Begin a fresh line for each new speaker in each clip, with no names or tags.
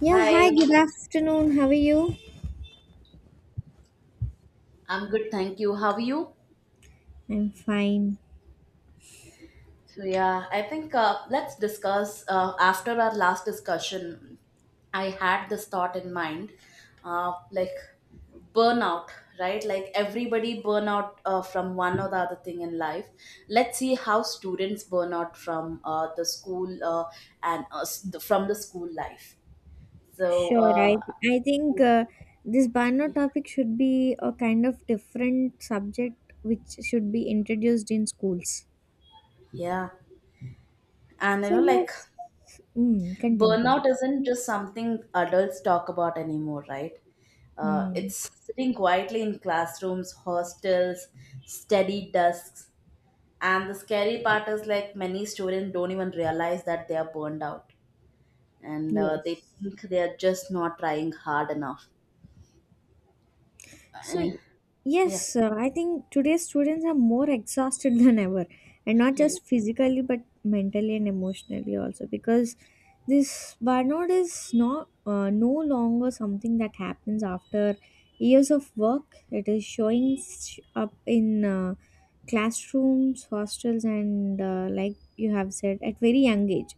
Yeah, hi,
Hi.
good afternoon. How are you?
I'm good, thank you. How are you?
I'm fine.
So yeah, I think let's discuss after our last discussion. I had this thought in mind, like burnout, right? Like everybody burn out from one or the other thing in life. Let's see how students burn out from the school, and from the school life. So
Sure,
uh,
I think this Bano topic should be a kind of different subject which should be introduced in schools.
yeah, and
So,
like
yes, continue, continue.
burnout isn't just something adults talk about anymore, right? Uh,
Mm,
it's sitting quietly in classrooms, hostels, steady desks, and the scary part is, like, many students don't even realize that they are burned out, and they
yes.
think they are just not trying hard enough.
So,
Uh, yeah,
yes, I think today's students are more exhausted than ever, and not
yeah,
just physically but mentally and emotionally also, because this burnout is not no longer something that happens after years of work. It is showing up in classrooms, hostels, and like you have said, at very young age.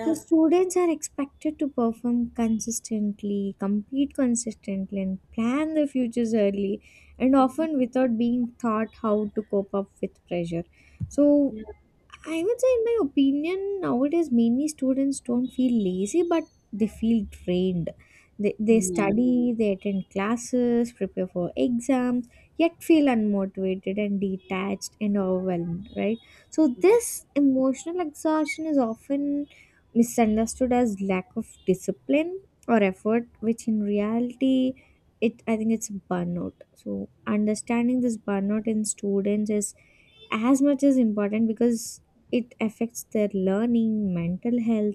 So students are expected to perform consistently, compete consistently, and plan their futures early, and
Mhm.
often without being taught how to cope up with pressure. So
Yeah,
I would say, in my opinion, nowadays many students don't feel lazy, but they feel drained. They study, they attend classes, prepare for exams, yet feel unmotivated and detached and overwhelmed, right? So,
yeah,
this emotional exhaustion is often misunderstood as lack of discipline or effort, which in reality, it I think it's burnout. So, understanding this burnout in students is as much as important because it affects their learning, mental health,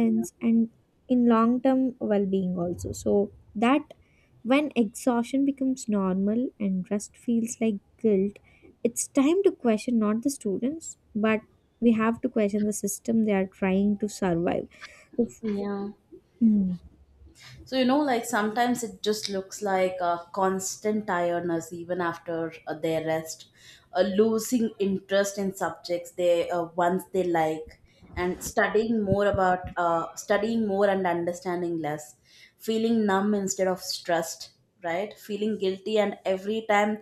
yeah.
and in long term well being also. So that when exhaustion becomes normal and rest feels like guilt, it's time to question not the students, but we have to question the system they are trying to survive. Oof.
Yeah.
Mm.
So, like, sometimes it just looks like a constant tiredness even after their rest, losing interest in subjects they once they like, and studying more and understanding less, feeling numb instead of stressed, right? Feeling guilty, and every time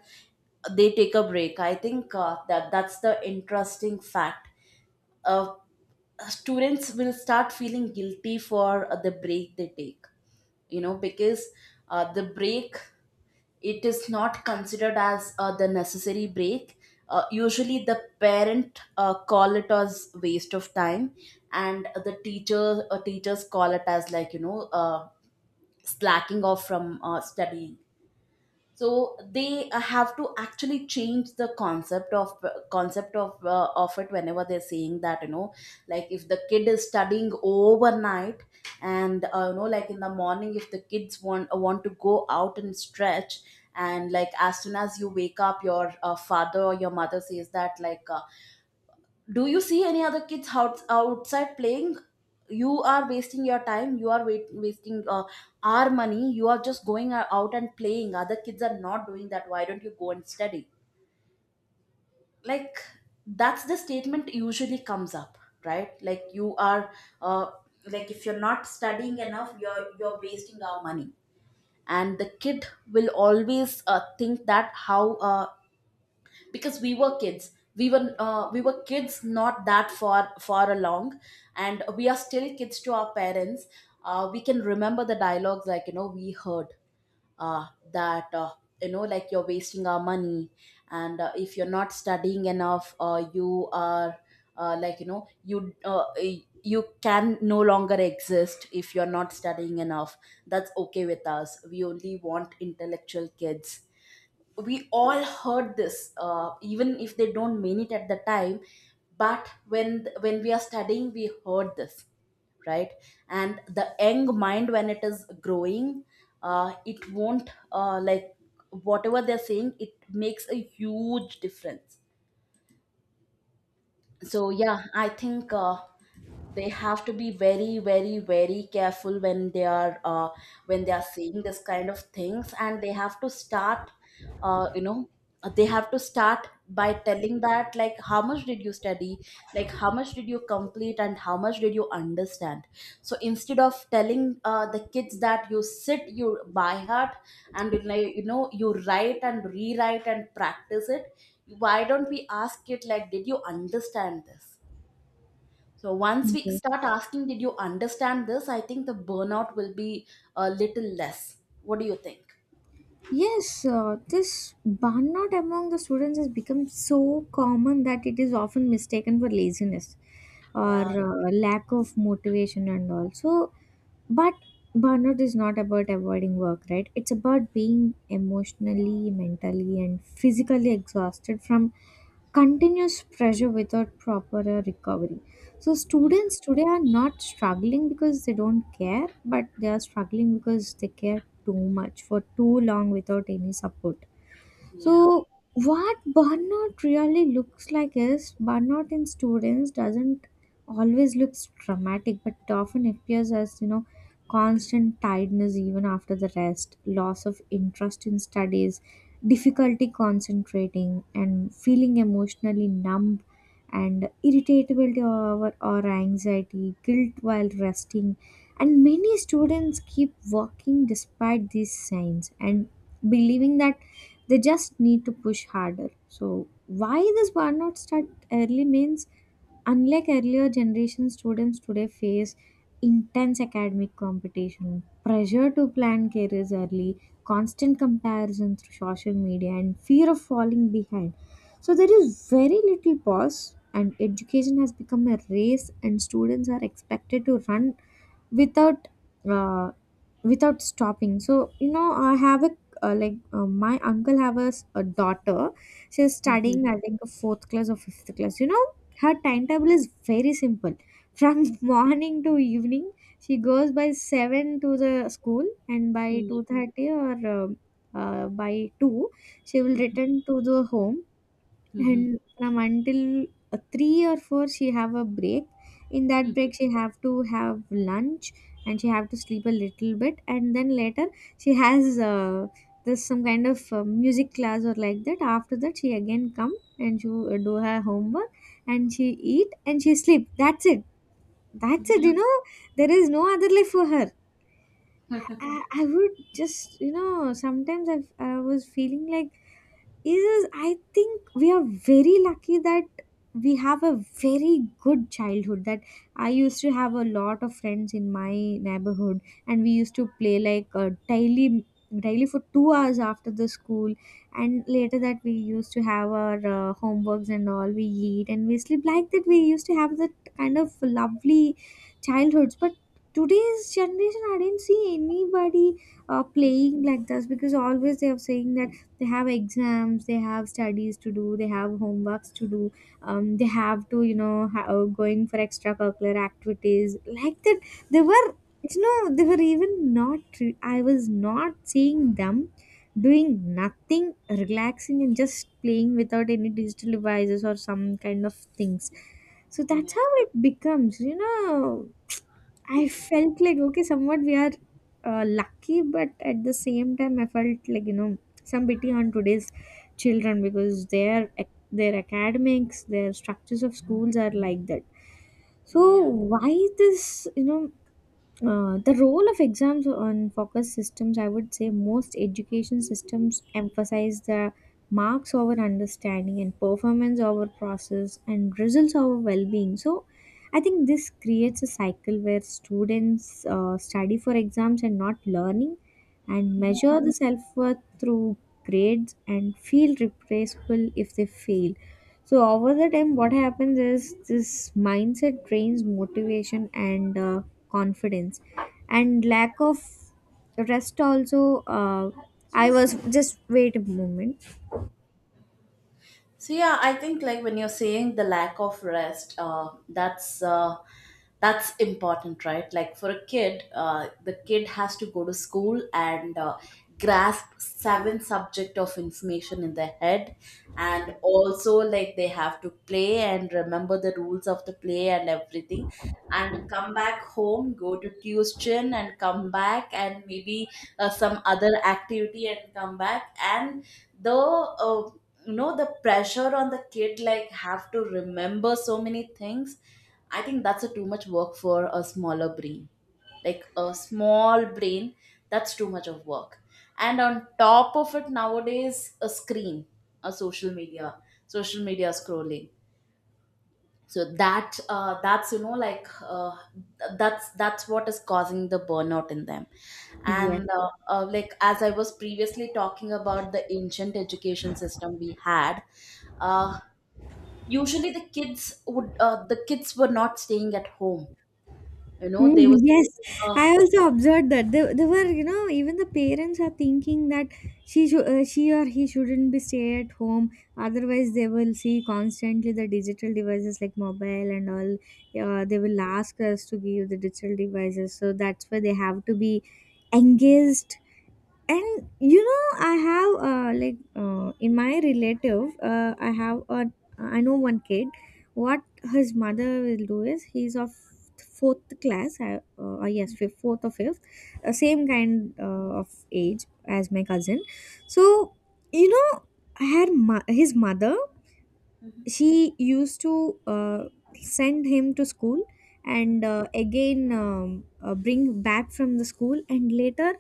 they take a break. I think that's the interesting fact. Uh, students will start feeling guilty for the break they take, because the break, it is not considered as the necessary break. Usually the parent call it as waste of time, and the teachers call it as, like, slacking off from studying. So they have to actually change the concept of it, whenever they're saying that, like, if the kid is studying overnight, and like in the morning, if the kids want to go out and stretch, and, like, as soon as you wake up, your father or your mother says that, like, do you see any other kids outside playing? You are wasting your time. You are wasting our money. You are just going out and playing, other kids are not doing that, why don't you go and study? Like, that's the statement usually comes up, right? Like, you are, uh, like, if you're not studying enough, you're wasting our money. And the kid will always think that, how because we were kids, we were kids not that far along, and we are still kids to our parents. We can remember the dialogues, like, we heard uh, that, you know, like, you're wasting our money, and if you're not studying enough, you are, uh, like you know you uh, you can no longer exist if you're not studying enough, that's okay with us, we only want intellectual kids. We all heard this, even if they don't mean it at the time, but when we are studying, we heard this, right? And the young mind, when it is growing, it won't, like, whatever they're saying, it makes a huge difference. So yeah, I think they have to be very, very, very careful when they are, saying this kind of things. And uh, you know they have to start by telling that, like, how much did you study, like, how much did you complete, and how much did you understand. So instead of telling the kids that you sit, you by heart, and you, like, you write and rewrite and practice it, why don't we ask it, like, did you understand this? So once we start
Yes.
asking did you understand this, I think the burnout will be a little less. What do you think?
Yes, this burnout among the students has become so common that it is often mistaken for laziness or
Yeah,
lack of motivation and also. But burnout is not about avoiding work, right? It's about being emotionally, mentally, and physically exhausted from continuous pressure without proper recovery. So, students today are not struggling because they don't care, but they are struggling because they care too much for too long without any support.
yeah.
So, what burnout really looks like is burnout in students doesn't always looks dramatic, but often appears as you know constant tiredness even after the rest, loss of interest in studies, difficulty concentrating, and feeling emotionally numb, and irritability or anxiety, guilt while resting, and many students keep working despite these signs and believing that they just need to push harder. So why this burnout start early means unlike earlier generation students today face intense academic competition, pressure to plan careers early, constant comparison through social media, and fear of falling behind. So there is very little pause, and education has become a race and students are expected to run without uh, without stopping. So, you know, I have a, like, my uncle have a, a daughter. She's
Mhm.
studying I think a fourth class or fifth class, you know. Her timetable is very simple. From morning to evening she goes by 7 to the school, and by
Mhm.
2:30 or by 2 she will return to the home,
Mhm.
and from until 3 or 4 she have a break. In that
Mhm.
break she have to have lunch and she have to sleep a little bit, and then later she has this some kind of music class or like that. After that she again come and she do her homework, and she eat and she sleep. That's it. That's it,
Yeah,
you know. There is no other life for her. I would just, you know, sometimes I was feeling like is I think we are very lucky that we have a very good childhood, that I used to have a lot of friends in my neighborhood and we used to play like, daily for 2 hours after the school, and later that we used to have our homeworks and all, we eat and we sleep. Like that we used to have that kind of lovely childhoods. But today's generation I didn't see anybody playing like this, because always they are saying that they have exams, they have studies to do, they have homeworks to do. They have to, you know, going for extracurricular activities, like that they were, you know, they were even not I was not seeing them doing nothing relaxing and just playing without any digital devices or some kind of things. So that's
yeah,
how it becomes, you know. I felt like okay, somewhat we are lucky, but at the same time, I felt like, you know, some pity on today's children, because their academics, their structures of schools are like that. So
yeah.
why this, you know, the role of exams on focus systems, I would say most education systems emphasize the marks over understanding and performance over process and results over well being. So, I think this creates a cycle where students study for exams and not learning, and measure the self worth through grades, and feel replaceable if they fail. So over the time, what happens is this mindset drains motivation and confidence, and lack of rest also. I was just wait a moment.
So yeah, I think, like, when you're saying the lack of rest, that's important, right? Like, for a kid, the kid has to go to school and grasp seven subject of information in their head, and also, like, they have to play and remember the rules of the play and everything, and come back home, go to tuition, and come back, and maybe some other activity and come back, and the you know the pressure on the kid, like, have to remember so many things. I think that's a too much work for a smaller brain, like a small brain. That's too much of work. And on top of it, nowadays, a screen, a social media scrolling. So that's you know that's what is causing the burnout in them.
Yes.
And like, as I was previously talking about, the ancient education system we had, uh, usually the kids would the kids were not staying at home,
Mm,
they were
yes,
staying,
I also observed that they were, you know, even the parents are thinking that she or he shouldn't be stay at home. Otherwise, they will see constantly the digital devices like mobile and all. They will ask us to give the digital devices, so that's why they have to be engaged. And you know I have, like, in my relative, I have a I know one kid. What his mother will do is he's of fourth class, yes, fifth, fourth or fifth, same kind of age as my cousin. So, you know, His mother,
Mhm,
she used to send him to school and
mhm.
again bring back from the school, and later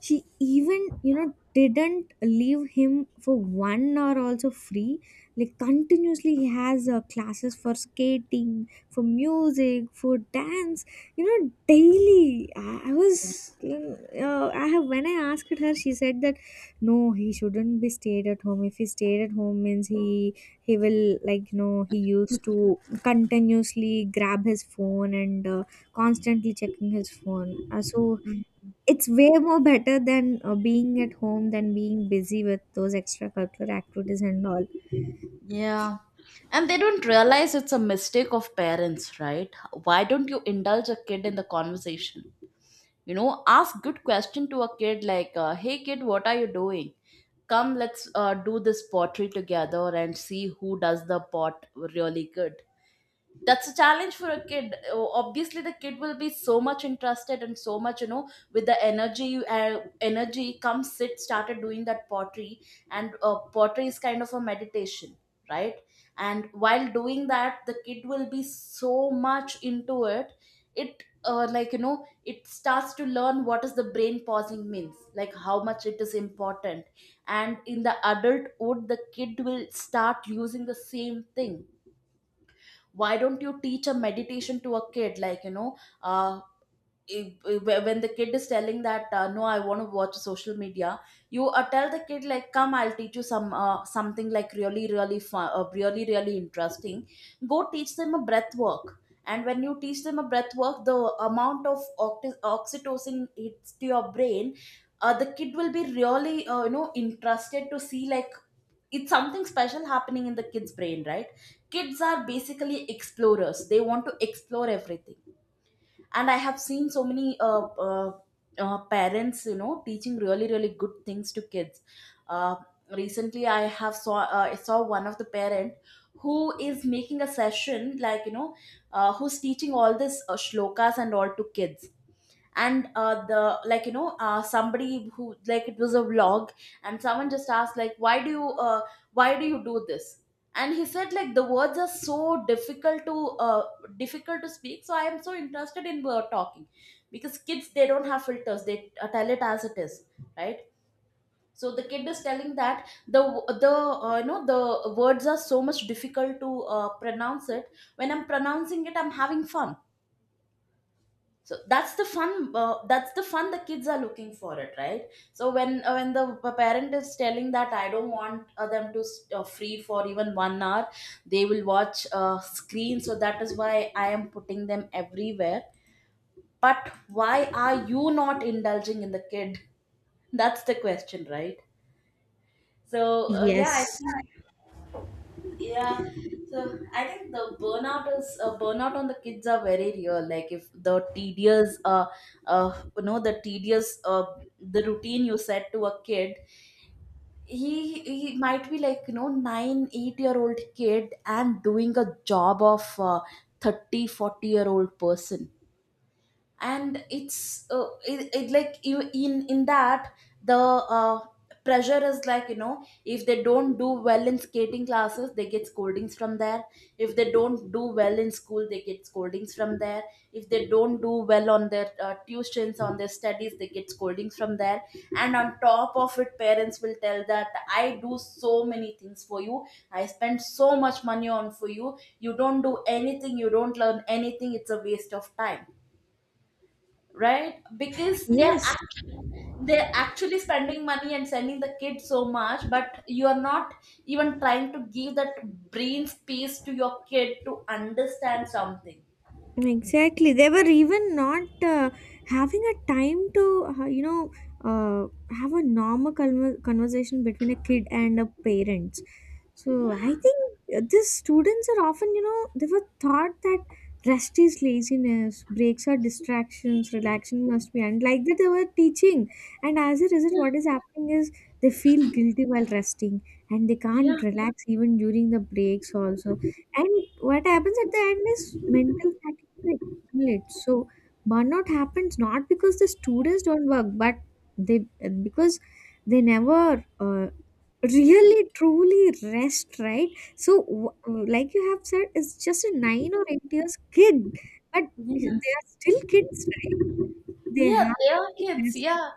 she even you know didn't leave him for 1 hour also free. Like continuously he has classes for skating, for music, for dance. You know daily I was I have when I asked her, she said that no, he shouldn't be stayed at home. If he stayed at home means he will, like you know, he used
Yeah.
to continuously grab his phone and constantly checking his phone. So it's way more better than being at home than being busy with those extracurricular activities and all.
Yeah. And they don't realize it's a mistake of parents, right? Why don't you indulge a kid in the conversation? You know, ask good question to a kid, like, hey kid, what are you doing? Come, let's do this pottery together and see who does the pot really good. That's a challenge for a kid. Obviously the kid will be so much interested and so much, with the energy, energy come sit started doing that pottery. And pottery is kind of a meditation, right? And while doing that, the kid will be so much into it. It starts to learn what is the brain pausing means, like how much it is important, and in the adulthood the kid will start using the same thing. Why don't you teach a meditation to a kid, like, uh when the kid is telling that, no, I want to watch social media, you tell the kid, like, come, I'll teach you something like really, really fun, really, really interesting. Go teach them a breath work. And when you teach them a breath work, the amount of oxytocin hits to your brain. The kid will be really, interested to see, like, it's something special happening in the kids brain, right? Kids are basically explorers. They want to explore everything. And I have seen so many uh, parents, teaching really, really good things to kids. Uh, recently I saw one of the parent who is making a session, like, who's teaching all this shlokas and all to kids. And the like you know somebody who, like, it was a vlog, and someone just asked, like, why do you do this? And he said, like, the words are so difficult to speak, so I am so interested in talking, because kids, they don't have filters, they tell it as it is, right? So the kid is telling that, the the you know the words are so much difficult to pronounce it. When I'm pronouncing it, I'm having fun. So that's the fun the kids are looking for it, right? So when the parent is telling that, I don't want them to free for even 1 hour, they will watch screen, so that is why I am putting them everywhere. But why are you not indulging in the kid? That's the question, right? So yeah, I
Yes.
think. Yeah. So I think the burnout on the kids are very real. Like, if the tedious you know the tedious the routine you set to a kid, he might be like, 9, 8-year-old kid, and doing a job of 30, 40-year old person, and it like, you, in that, the pressure is, like, if they don't do well in skating classes, they get scoldings from there. If they don't do well in school, they get scoldings from there. If they don't do well on their tuitions, on their studies, they get scoldings from there. And on top of it, parents will tell that, I do so many things for you, I spend so much money on for you, you don't do anything, you don't learn anything, it's a waste of time. Right? Because
Yes.
they're actually spending money and sending the kids so much, but you are not even trying to give that brain space to your kid to understand something.
Exactly. They were even not having a time to, uh, have a normal conversation between a kid and a parent. So I think these students are often, you know, they were taught that rest is laziness, breaks are distractions, relaxation must be, and like that they were teaching. And as a result, what is happening is they feel guilty while resting, and they can't
Yeah,
relax even during the breaks also. And what happens at the end is mental fatigue. Right, right. So burnout happens not because the students don't work, but they because they never really truly rest, right? So like you have said, it's just a 9 or 8 years kid, but
yeah,
they are still kids, right? They
yeah.
have
They are
to
kids.
rest.
Yeah,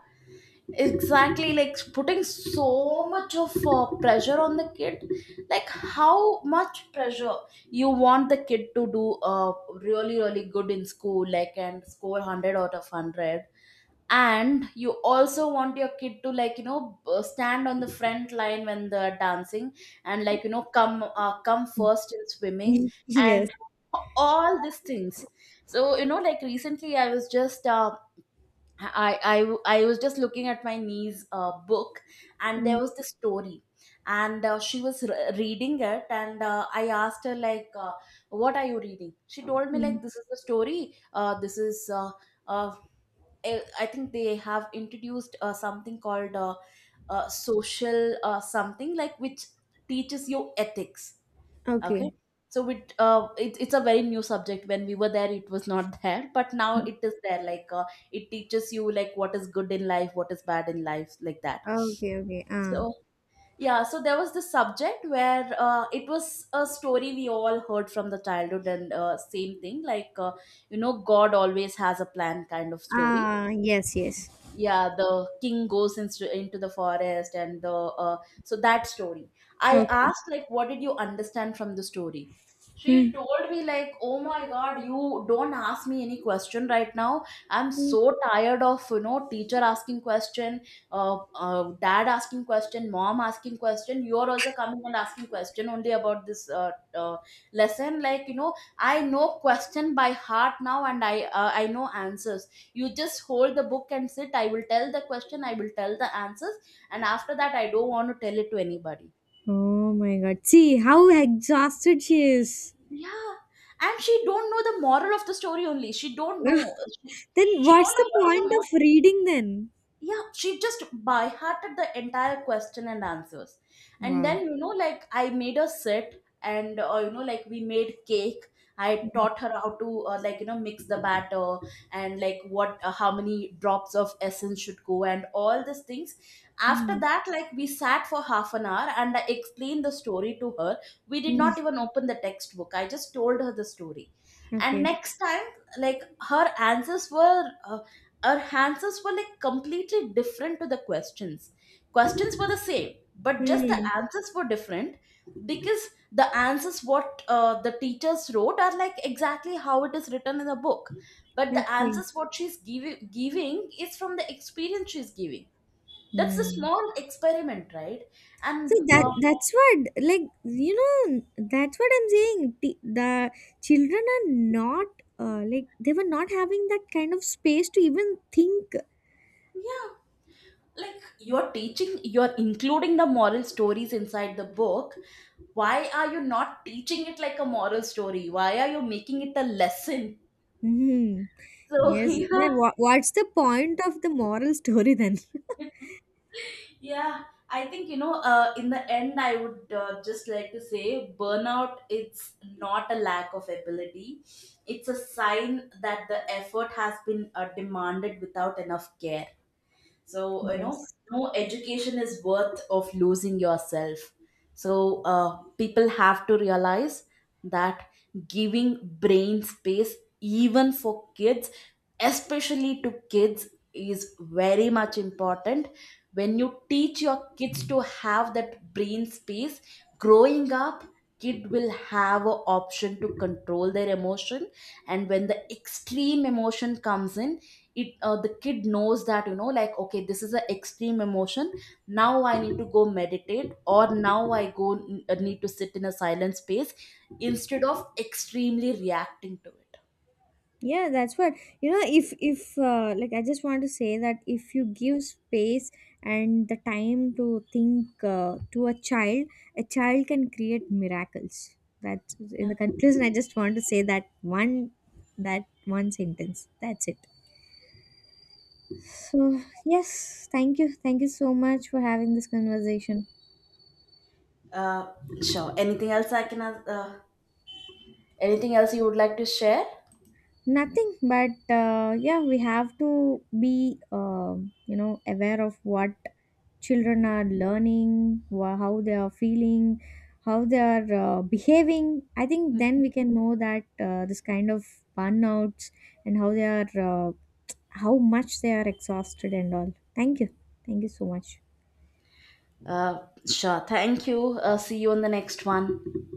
exactly. Like, putting so much of pressure on the kid. Like how much pressure you want the kid to do really, really good in school, like, and score 100 out of 100, and you also want your kid to, like, stand on the front line when they're dancing, and, like, come first in swimming
Yes.
and all these things. So, like, recently, I was just I, I was just looking at my niece's book, and
Mm,
there was this story, and she was reading it, and I asked her, like, what are you reading? She told me,
mm.
like, this is the story, this is uh, I think they have introduced something called social something, like, which teaches you ethics. Okay,
Okay.
so it's a very new subject. When we were there, it was not there, but now it is there. Like, it teaches you like what is good in life, what is bad in life, like that.
Okay. Okay. Ah.
So, yeah, so there was this subject where, it was a story we all heard from the childhood, and same thing, like, God always has a plan kind of story.
Ah. Yes. Yes.
Yeah, the king goes into the forest, and the, so that story, I
Okay.
asked, like, what did you understand from the story? She told me, like, oh my god, you don't ask me any question right now. I'm so tired of, teacher asking question, dad asking question, mom asking question, you're also coming and asking question only about this lesson. Like, I know question by heart now, and I know answers. You just hold the book and sit, I will tell the question, I will tell the answers, and after that I don't want to tell it to anybody.
Oh my god. See how exhausted she is.
Yeah, and she don't know the moral of the story only, she don't know, she,
Then
she
what's
don't
the
know what is the
point
moral.
of reading then?
Yeah, she just by hearted the entire question and answers. And
Wow.
then, like, I made her sit, and, like, we made cake. I taught her how to, like, mix the batter, and like what, how many drops of essence should go, and all these things. After
Mm.
that, like, we sat for half an hour and I explained the story to her. We did
Mm.
not even open the textbook, I just told her the story. And
Okay.
next time, like, her answers were uh, her answers were like completely different to the questions. Questions were the same, but just the
Mm.
answers were different, because the answers what, the teachers wrote are like exactly how it is written in the book, but the
Okay.
answers what she's giving is from the experience she's giving. That's a
Mm.
small experiment, right?
So
and
that
uh,
that's what, like you know, that's what I'm saying. The children are not like they were not having that kind of space to even think.
yeah, like, you're teaching, you're including the moral stories inside the book. Why are you not teaching it like a moral story? Why are you making it a lesson?
Mm.
So,
Yes. Then
yeah.
what's the point of the moral story then?
Yeah, I think. In the end, I would just like to say, burnout. It's not a lack of ability; it's a sign that the effort has been demanded without enough care. So,
Yes.
no education is worth of losing yourself. So, people have to realize that giving brain space, even for kids, especially to kids, is very much important. When you teach your kids to have that brain space, growing up, kid will have an option to control their emotion, and when the extreme emotion comes in, it the kid knows that, like, okay, this is an extreme emotion, now I need to go meditate, or now I go, need to sit in a silent space instead of extremely reacting to it.
Yeah, that's what you know. If like I just want to say that if you give space and the time to think to a child, a child can create miracles. That's in
Yeah.
the conclusion I just want to say, that one, that one sentence. That's it. So yes, thank you, thank you so much for having this conversation.
uh, sure, anything else I can, anything else you would like to share?
Nothing, but yeah, we have to be, you know, aware of what children are learning, how they are feeling, how they are behaving. I think then
Mhm.
we can know that this kind of burnouts, and uh, how much they are exhausted and all. Thank you. Thank you so much.
uh, sure, thank you. See you on the next one.